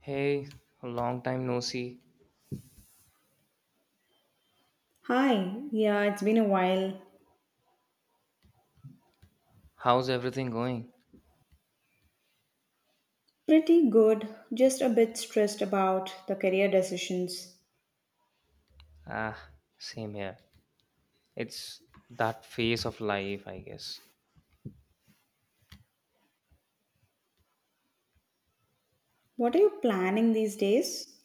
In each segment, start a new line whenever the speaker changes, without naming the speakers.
Hey, long time no see.
Hi, yeah, it's been a while.
How's everything going?
Pretty good, just a bit stressed about the career decisions.
Ah, same here. It's that phase of life, I guess.
What are you planning these days?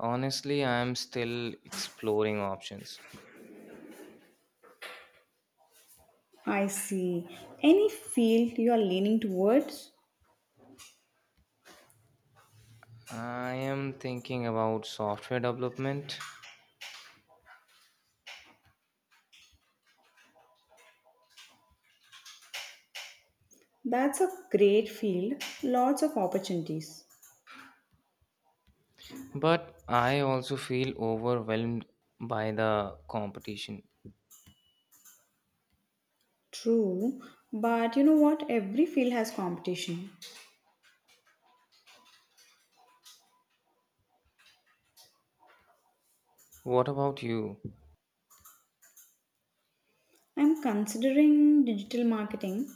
Honestly, I'm still exploring options.
I see. Any field you are leaning towards?
I am thinking about software development,
That's a great field, lots of opportunities.
but I also feel overwhelmed by the competition.
True, but you know what? Every field has competition.
What about you?
I'm considering digital marketing.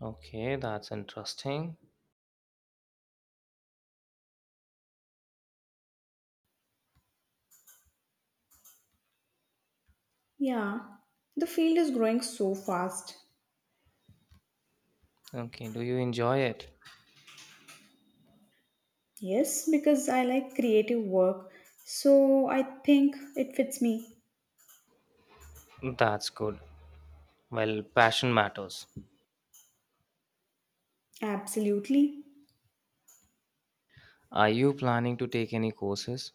Okay, that's interesting.
Yeah, the field is growing so fast.
Okay, do you enjoy it?
Yes, because I like creative work, so I think it fits me.
That's good. Well, passion matters.
Absolutely.
Are you planning to take any courses?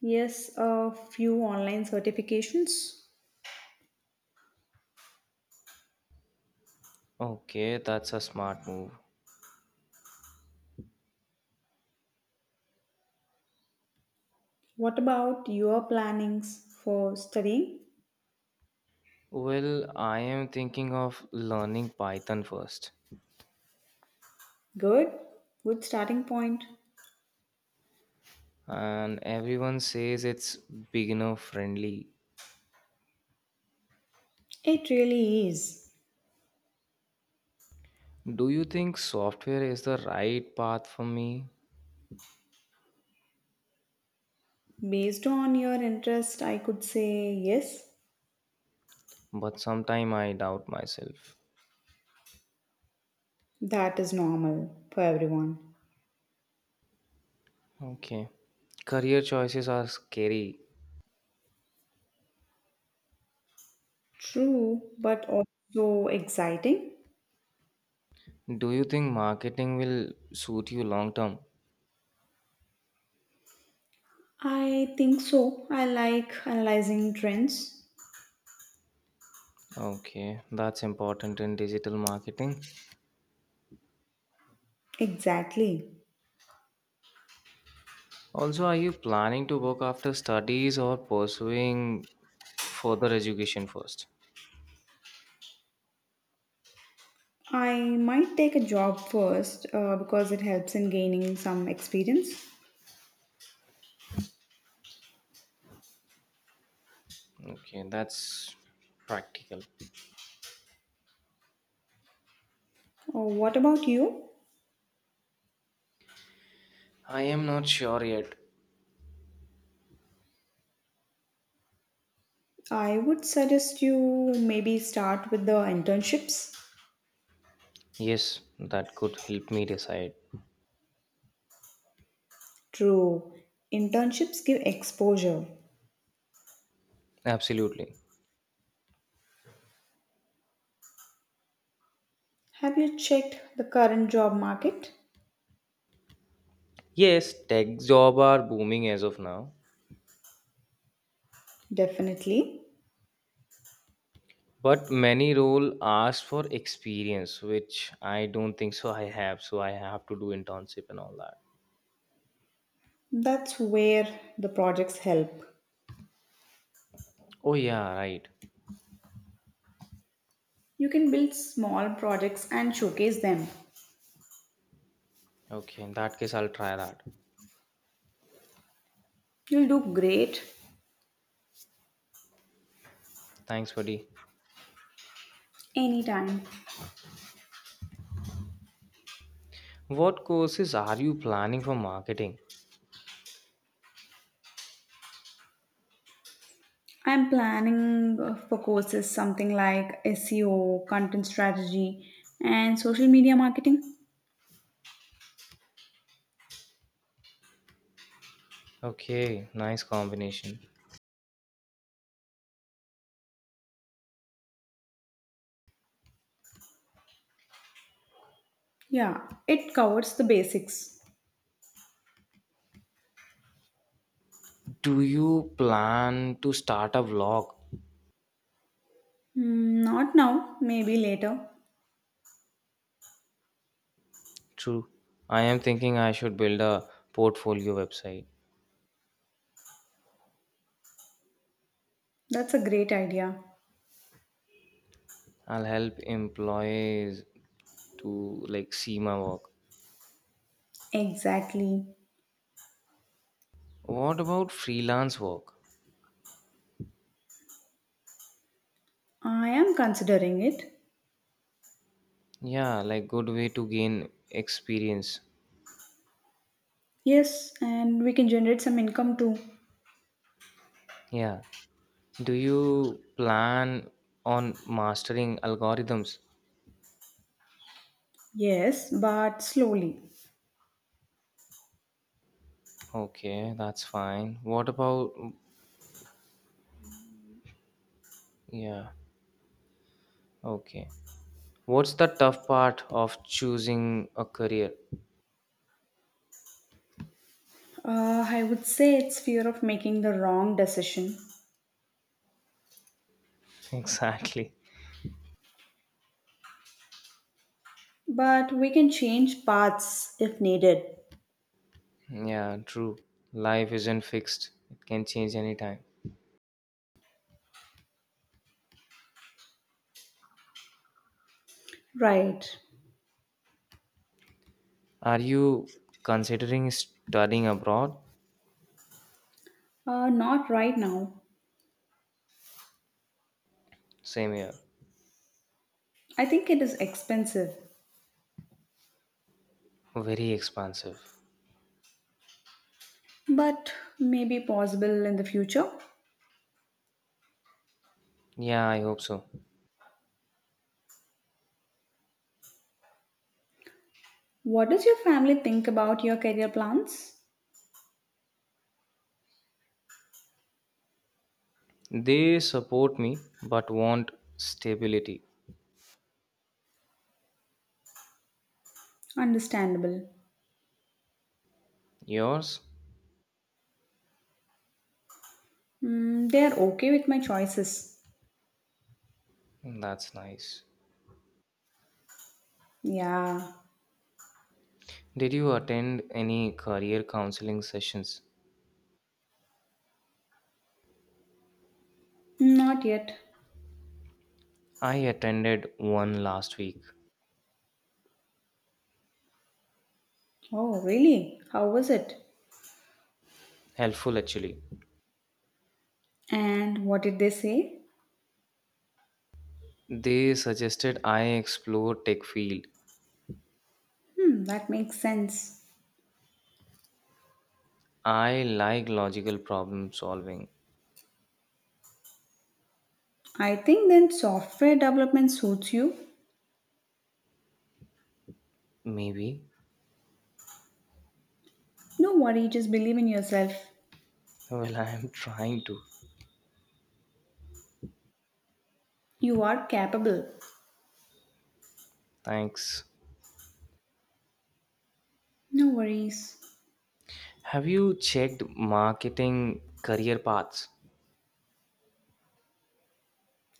Yes, a few online certifications.
Okay, that's a smart move.
What about your plannings for studying?
Well, I am thinking of learning Python first,
Good, good starting point.
and everyone says it's beginner friendly.
It really is.
Do you think software is the right path for me?
Based on your interest, I could say yes,
But sometimes I doubt myself.
that is normal for everyone.
Okay. Career choices are scary.
True, but also exciting.
Do you think marketing will suit you long term?
I think so. I like analyzing trends.
Okay, that's important in digital marketing.
Exactly.
Also, are you planning to work after studies or pursuing further education first?
I might take a job first, because it helps in gaining some experience.
Okay, that's practical.
What about you?
I am not sure yet.
I would suggest you maybe start with the internships.
Yes, that could help me decide.
True. Internships give exposure.
Absolutely.
Have you checked the current job market?
Yes, tech job are booming as of now,
Definitely.
but many role ask for experience, which I don't think so I have to do internship and all that.
That's where the projects help.
Oh yeah, right.
You can build small projects and showcase them.
Okay, in that case I'll try that.
You'll do great,
Thanks, buddy.
anytime.
What courses are you planning for marketing?
I'm planning for courses something like SEO, content strategy, and social media marketing.
Okay, nice combination.
Yeah, it covers the basics.
Do you plan to start a vlog?
Mm, not now, maybe later.
True. I am thinking I should build a portfolio website.
That's a great idea.
I'll help employees to like see my work.
Exactly.
What about freelance work?
I am considering it.
Yeah, like good way to gain experience.
Yes, and we can generate some income too.
Yeah. Do you plan on mastering algorithms?
Yes, but slowly.
Okay, that's fine. What about yeah, okay. What's the tough part of choosing a career?
I would say it's fear of making the wrong decision.
Exactly.
But we can change paths if needed.
Yeah, true. Life isn't fixed, it can change anytime.
Right.
Are you considering studying abroad?
Not right now.
Same here.
I think it is expensive,
Very expansive.
but maybe possible in the future.
Yeah, I hope so.
What does your family think about your career plans?
They support me but want stability.
Understandable.
Yours?
Mm, they are okay with my choices.
That's nice.
Yeah,
Did you attend any career counseling sessions?
not yet.
I attended one last week.
Oh, really? How was it?
Helpful actually.
And what did they say?
They suggested I explore tech field.
Hmm, that makes sense.
I like logical problem solving.
I think then software development suits you.
Maybe.
No worry, just believe in yourself.
Well, I am trying to.
You are capable.
Thanks.
No worries.
Have you checked marketing career paths?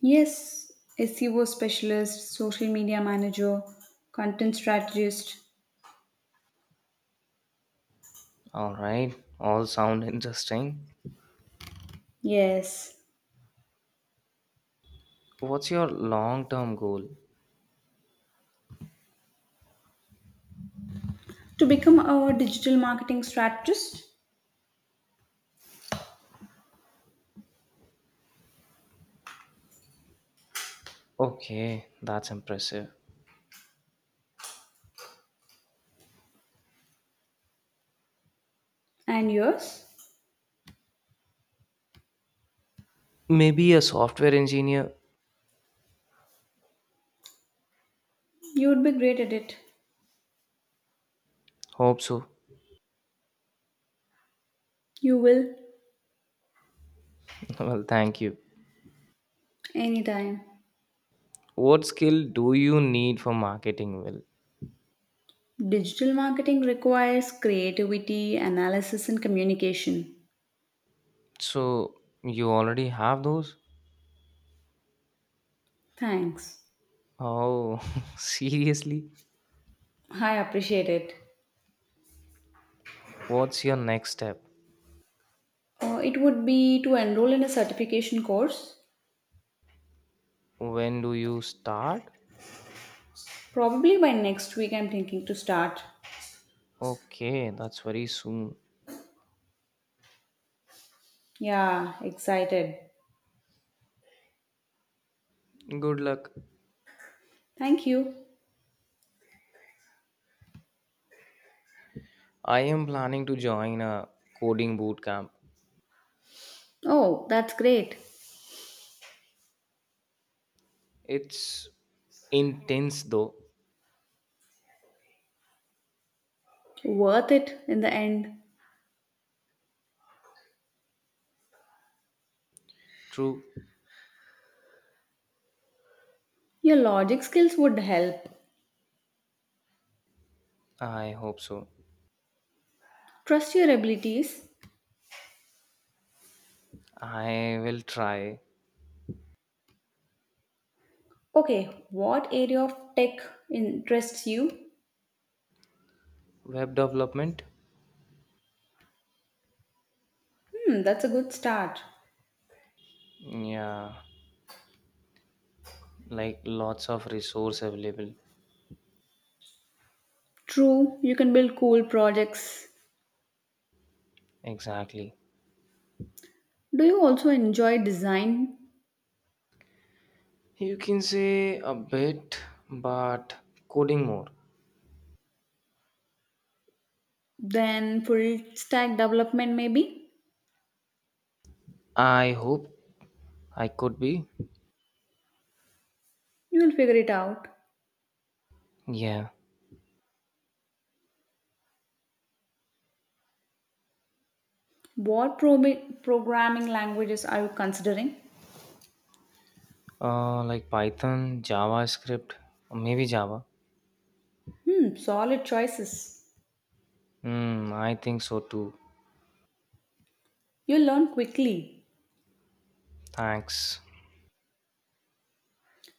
Yes, SEO specialist, social media manager, content strategist.
All right. All sound interesting.
Yes.
What's your long-term goal?
To become a digital marketing strategist,
Okay, that's impressive.
and yours,
Maybe a software engineer.
you would be great at it.
Hope so.
You will,
Well, thank you.
anytime.
What skill do you need for marketing? Well,
Digital marketing requires creativity, analysis, and communication.
so you already have those?
Thanks.
Oh, seriously?
I appreciate it.
What's your next step?
It would be to enroll in a certification course.
When do you start?
Probably by next week, I'm thinking to start.
Okay, that's very soon.
Yeah, excited.
Good luck.
Thank you.
I am planning to join a coding boot camp.
Oh, that's great.
It's intense though.
Worth it in the end.
True.
Your logic skills would help.
I hope so.
Trust your abilities.
I will try
Okay, what area of tech interests you?
web development.
Hmm, that's a good start.
Yeah, like lots of resource available.
True, you can build cool projects.
Exactly.
Do you also enjoy design?
You can say a bit, but coding more.
Then full stack development, maybe?
I hope I could be.
You'll figure it out.
Yeah,
What programming languages are you considering?
like Python, JavaScript, or maybe Java.
Hmm, solid choices.
Hmm, I think so too.
You learn quickly.
Thanks.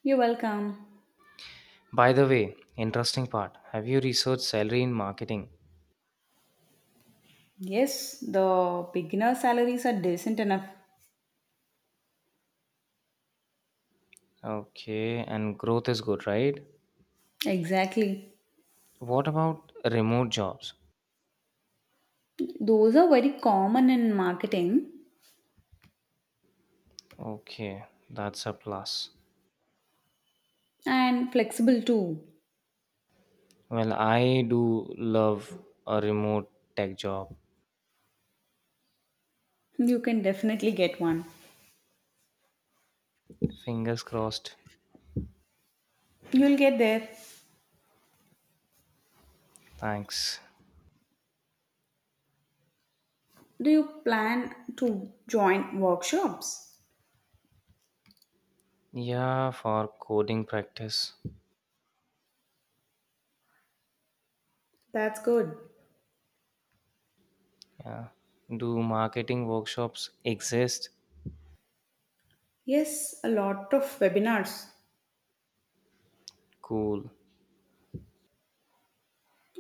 You're welcome.
By the way, interesting part. Have you researched salary in marketing?
Yes, the beginner salaries are decent enough.
Okay, and growth is good, right?
Exactly.
What about remote jobs?
Those are very common in marketing
Okay, that's a plus.
and flexible too.
Well, I do love a remote tech job.
You can definitely get one.
Fingers crossed.
You'll get there.
Thanks.
Do you plan to join workshops?
Yeah, for coding practice.
That's good.
Yeah. Do marketing workshops exist?
Yes, a lot of webinars,
Cool.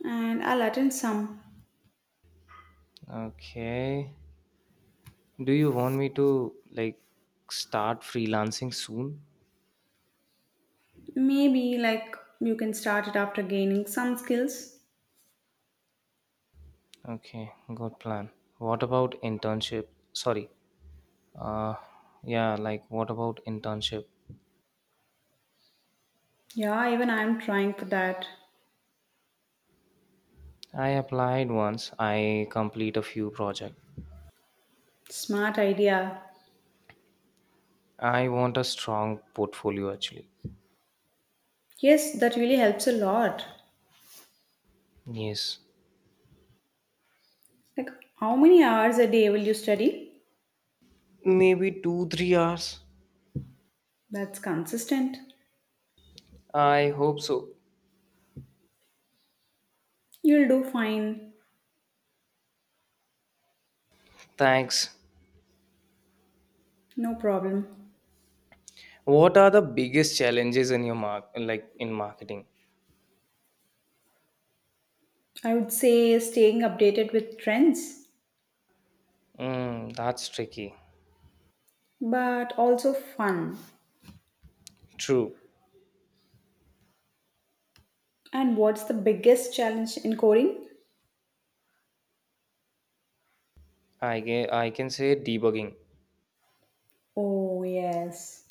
and I'll attend some.
Okay. Do you want me to like start freelancing soon?
Maybe like you can start it after gaining some skills.
Okay, good plan. What about internship? Sorry. Uh yeah, like what about internship?
Yeah, even I'm trying for that.
I applied once. I complete a few project.
Smart idea.
I want a strong portfolio actually.
Yes, that really helps a lot.
Yes.
Like, how many hours a day will you study?
Maybe 2 3 hours.
That's consistent.
I hope so.
You'll do fine.
Thanks.
No problem.
What are the biggest challenges in your mark like in marketing?
I would say staying updated with trends,
Mm, that's tricky.
but also fun.
True.
And what's the biggest challenge in coding?
I can say debugging.
Oh, yes.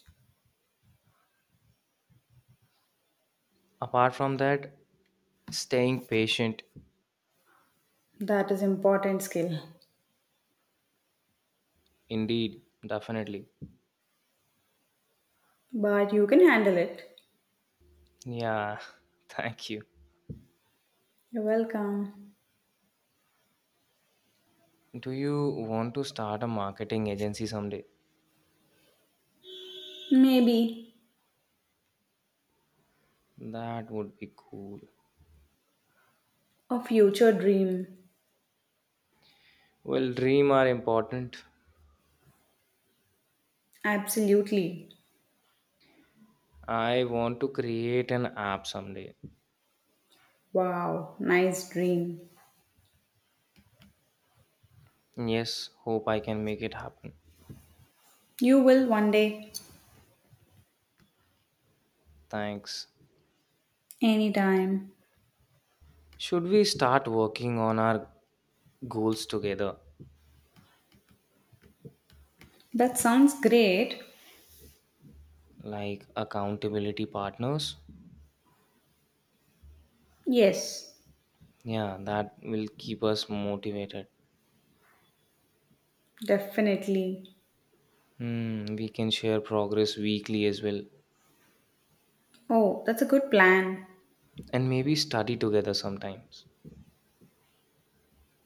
Apart from that, staying patient.
That is important skill.
Indeed, definitely.
But you can handle it.
Yeah, thank you.
You're welcome.
Do you want to start a marketing agency someday?
Maybe
That would be cool.
a future dream.
Well, dream are important.
Absolutely.
I want to create an app someday.
Wow, nice dream.
Yes, hope I can make it happen.
You will one day,
Thanks.
anytime.
Should we start working on our goals together?
That sounds great.
Like accountability partners?
Yes,
Yeah, that will keep us motivated.
definitely.
Hmm, we can share progress weekly as well,
Oh, that's a good plan.
and maybe study together sometimes.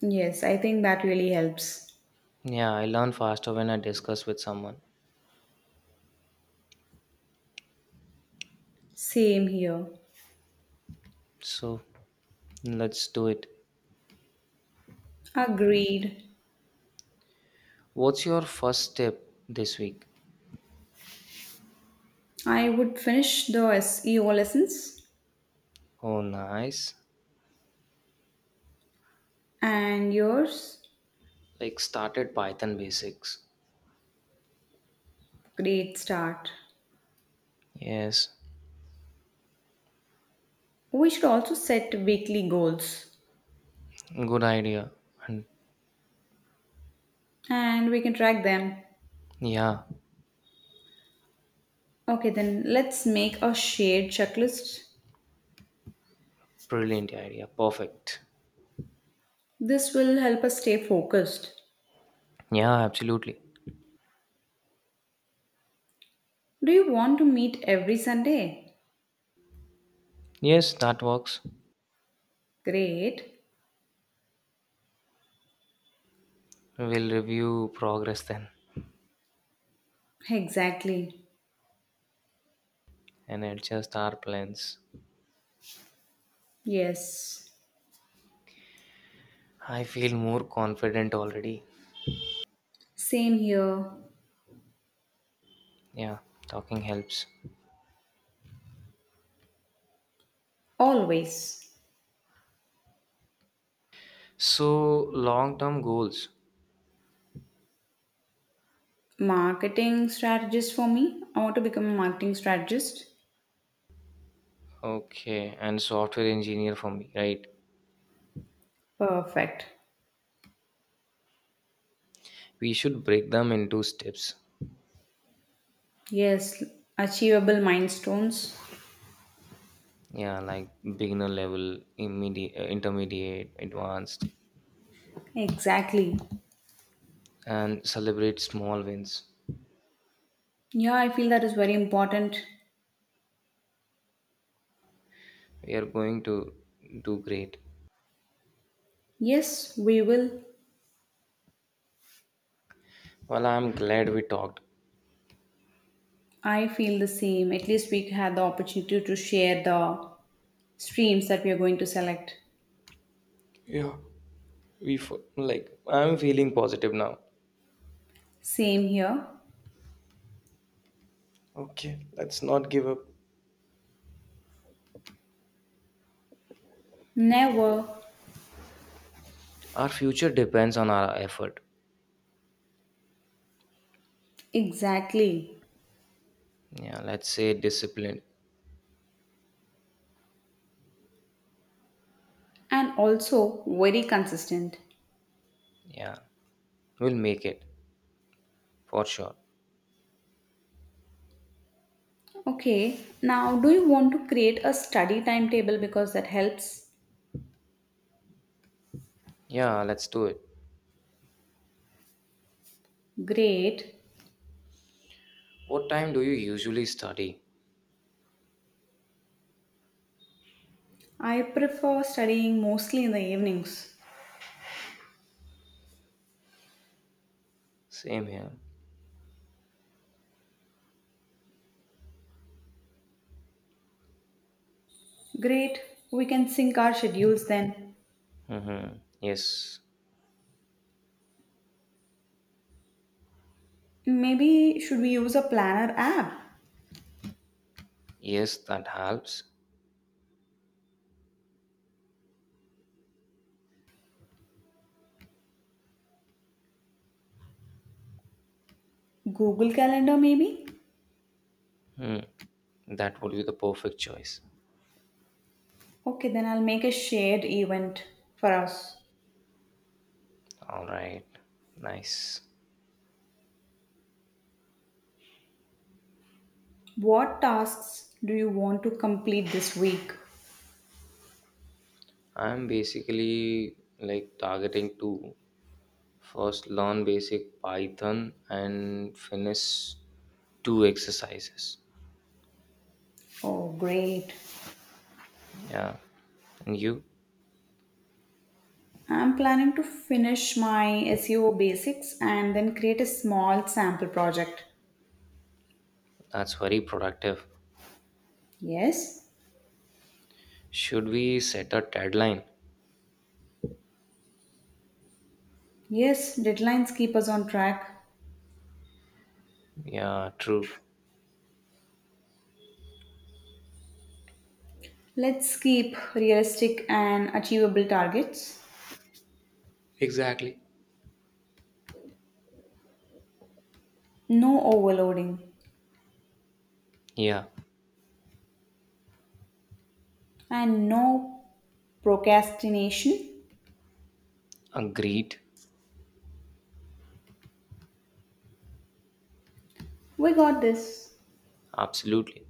Yes, I think that really helps.
Yeah, I learn faster when I discuss with someone.
Same here.
So let's do it.
Agreed.
What's your first step this week?
I would finish the SEO lessons
Oh, nice.
and yours.
Like started Python basics.
Great start.
Yes,
We should also set weekly goals
good idea. And
and we can track them.
yeah,
Okay, then let's make a shared checklist.
brilliant idea. Perfect.
This will help us stay focused.
Yeah, absolutely.
Do you want to meet every Sunday?
Yes, that works.
Great.
We'll review progress then
Exactly.
and adjust our plans.
Yes.
I feel more confident already.
Same here.
Yeah, talking helps.
Always.
So, long term goals.
Marketing strategist for me. I want to become a marketing strategist.
Okay, and software engineer for me, right?
Perfect.
We should break them into steps.
Yes. Achievable milestones.
Yeah, like beginner level, immediate, intermediate, advanced,
Exactly.
and celebrate small wins.
Yeah, I feel that is very important.
We are going to do great.
Yes, we will.
Well, I'm glad we talked.
I feel the same. At least we had the opportunity to share the streams that we are going to select.
Yeah, like, I'm feeling positive now.
Same here.
Okay, let's not give up.
Never.
Our future depends on our effort.
Exactly.
Yeah, let's say discipline.
And also very consistent.
Yeah, we'll make it for sure.
Okay, now do you want to create a study timetable because that helps?
Yeah, let's do it.
Great.
What time do you usually study?
I prefer studying mostly in the evenings.
Same here.
Great. We can sync our schedules then.
Mm-hmm. Yes,
Maybe should we use a planner app?
yes, that helps.
Google Calendar maybe?
Hmm. That would be the perfect choice.
Okay, then I'll make a shared event for us.
All right, nice.
What tasks do you want to complete this week?
I'm basically like targeting to first learn basic Python and finish two exercises.
Oh, great.
Yeah, and you?
I'm planning to finish my SEO basics and then create a small sample project.
That's very productive.
Yes?
Should we set a deadline?
Yes, deadlines keep us on track.
Yeah, true.
Let's keep realistic and achievable targets.
Exactly.
No overloading
Yeah,
and no procrastination.
agreed.
We got this.
Absolutely.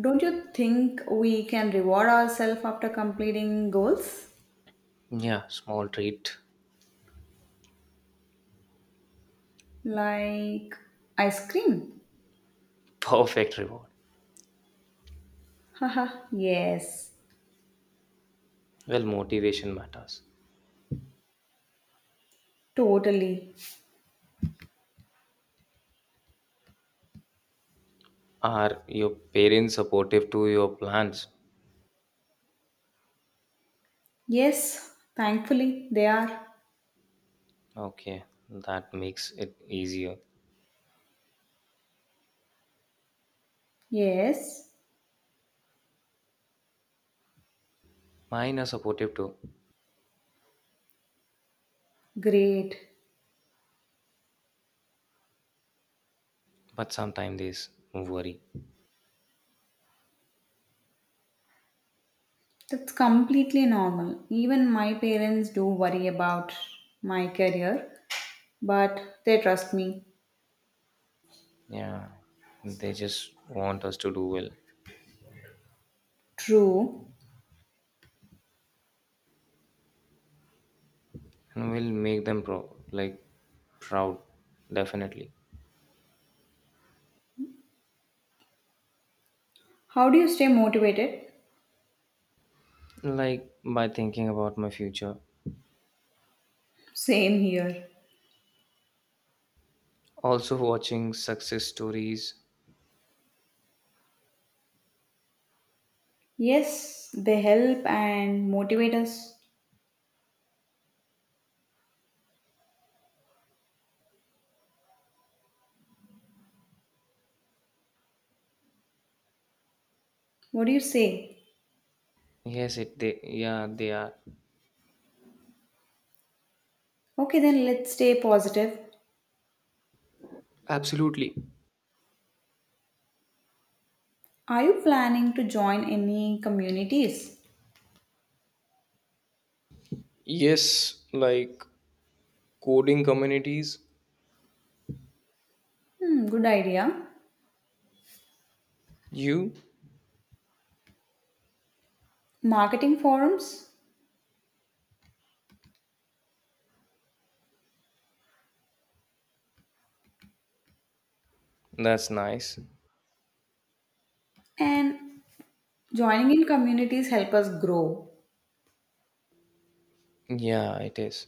Don't you think we can reward ourselves after completing goals?
Yeah, small treat.
Like ice cream?
Perfect reward.
Haha, yes,
Well, motivation matters.
totally.
Are your parents supportive to your plans?
Yes, thankfully they are.
Okay, that makes it easier.
Yes,
Mine are supportive too,
great.
but sometimes worry.
That's completely normal. Even my parents do worry about my career, but they trust me.
Yeah, they just want us to do well,
True.
and we'll make like proud, definitely.
How do you stay motivated?
Like by thinking about my future,
Same here.
also watching success stories.
Yes, they help and motivate us. What do you say?
Yes, it they yeah they are,
Okay, then let's stay positive.
absolutely.
Are you planning to join any communities?
Yes, like coding communities.
Hmm, good idea.
You.
Marketing forums?
That's nice.
And joining in communities help us grow.
Yeah, it is.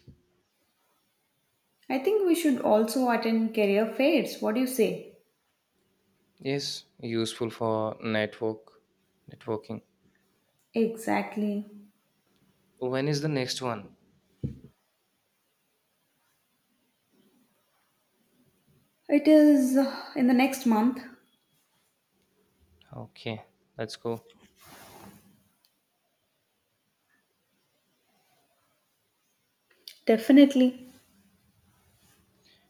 I think we should also attend career fairs. What do you say?
Yes, useful for networking.
Exactly.
When is the next one?
It is in the next month.
Okay, let's go.
Definitely.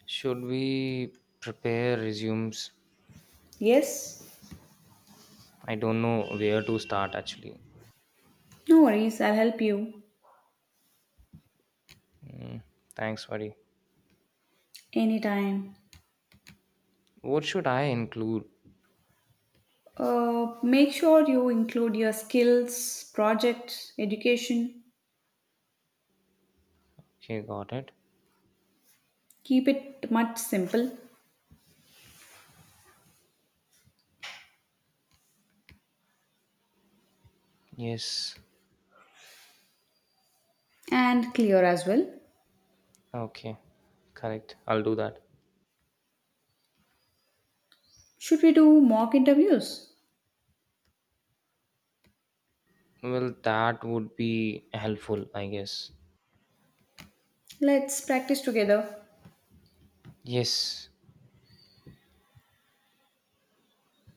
Should we prepare resumes?
Yes.
I don't know where to start actually.
No worries, I'll help you,
Mm, thanks buddy.
anytime.
What should I include?
Make sure you include your skills, projects, education.
Okay, got it.
Keep it much simple
Yes.
and clear as well.
Okay, correct. I'll do that.
Should we do mock interviews?
Well, that would be helpful, I guess.
Let's practice together.
Yes,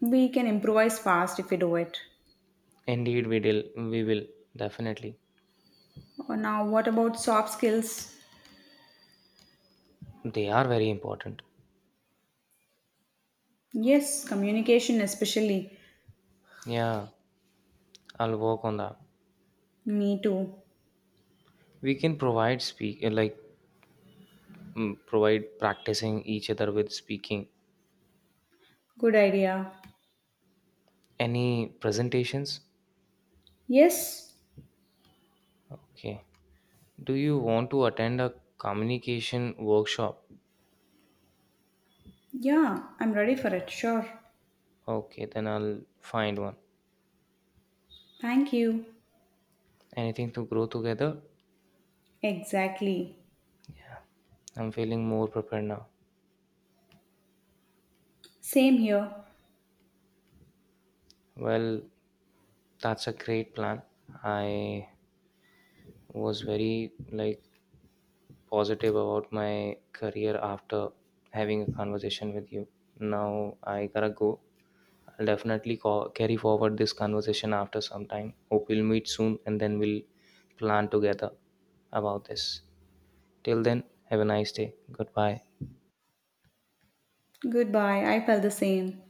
We can improvise fast if we do it.
indeed, we will. We will definitely.
Or now, what about soft skills?
They are very important.
Yes, communication, especially.
Yeah, I'll work on that.
Me too.
We can provide practicing each other with speaking.
Good idea.
Any presentations?
Yes,
Okay. Do you want to attend a communication workshop?
yeah, I'm ready for it, sure.
Okay, then I'll find one.
Thank you.
Anything to grow together?
Exactly.
I'm feeling more prepared now.
Same here.
Well, that's a great plan. I was very like positive about my career after having a conversation with you. Now I gotta go. I'll definitely call, carry forward this conversation after some time. Hope we'll meet soon and then we'll plan together about this. Till then, have a nice day. Goodbye.
Goodbye, I felt the same.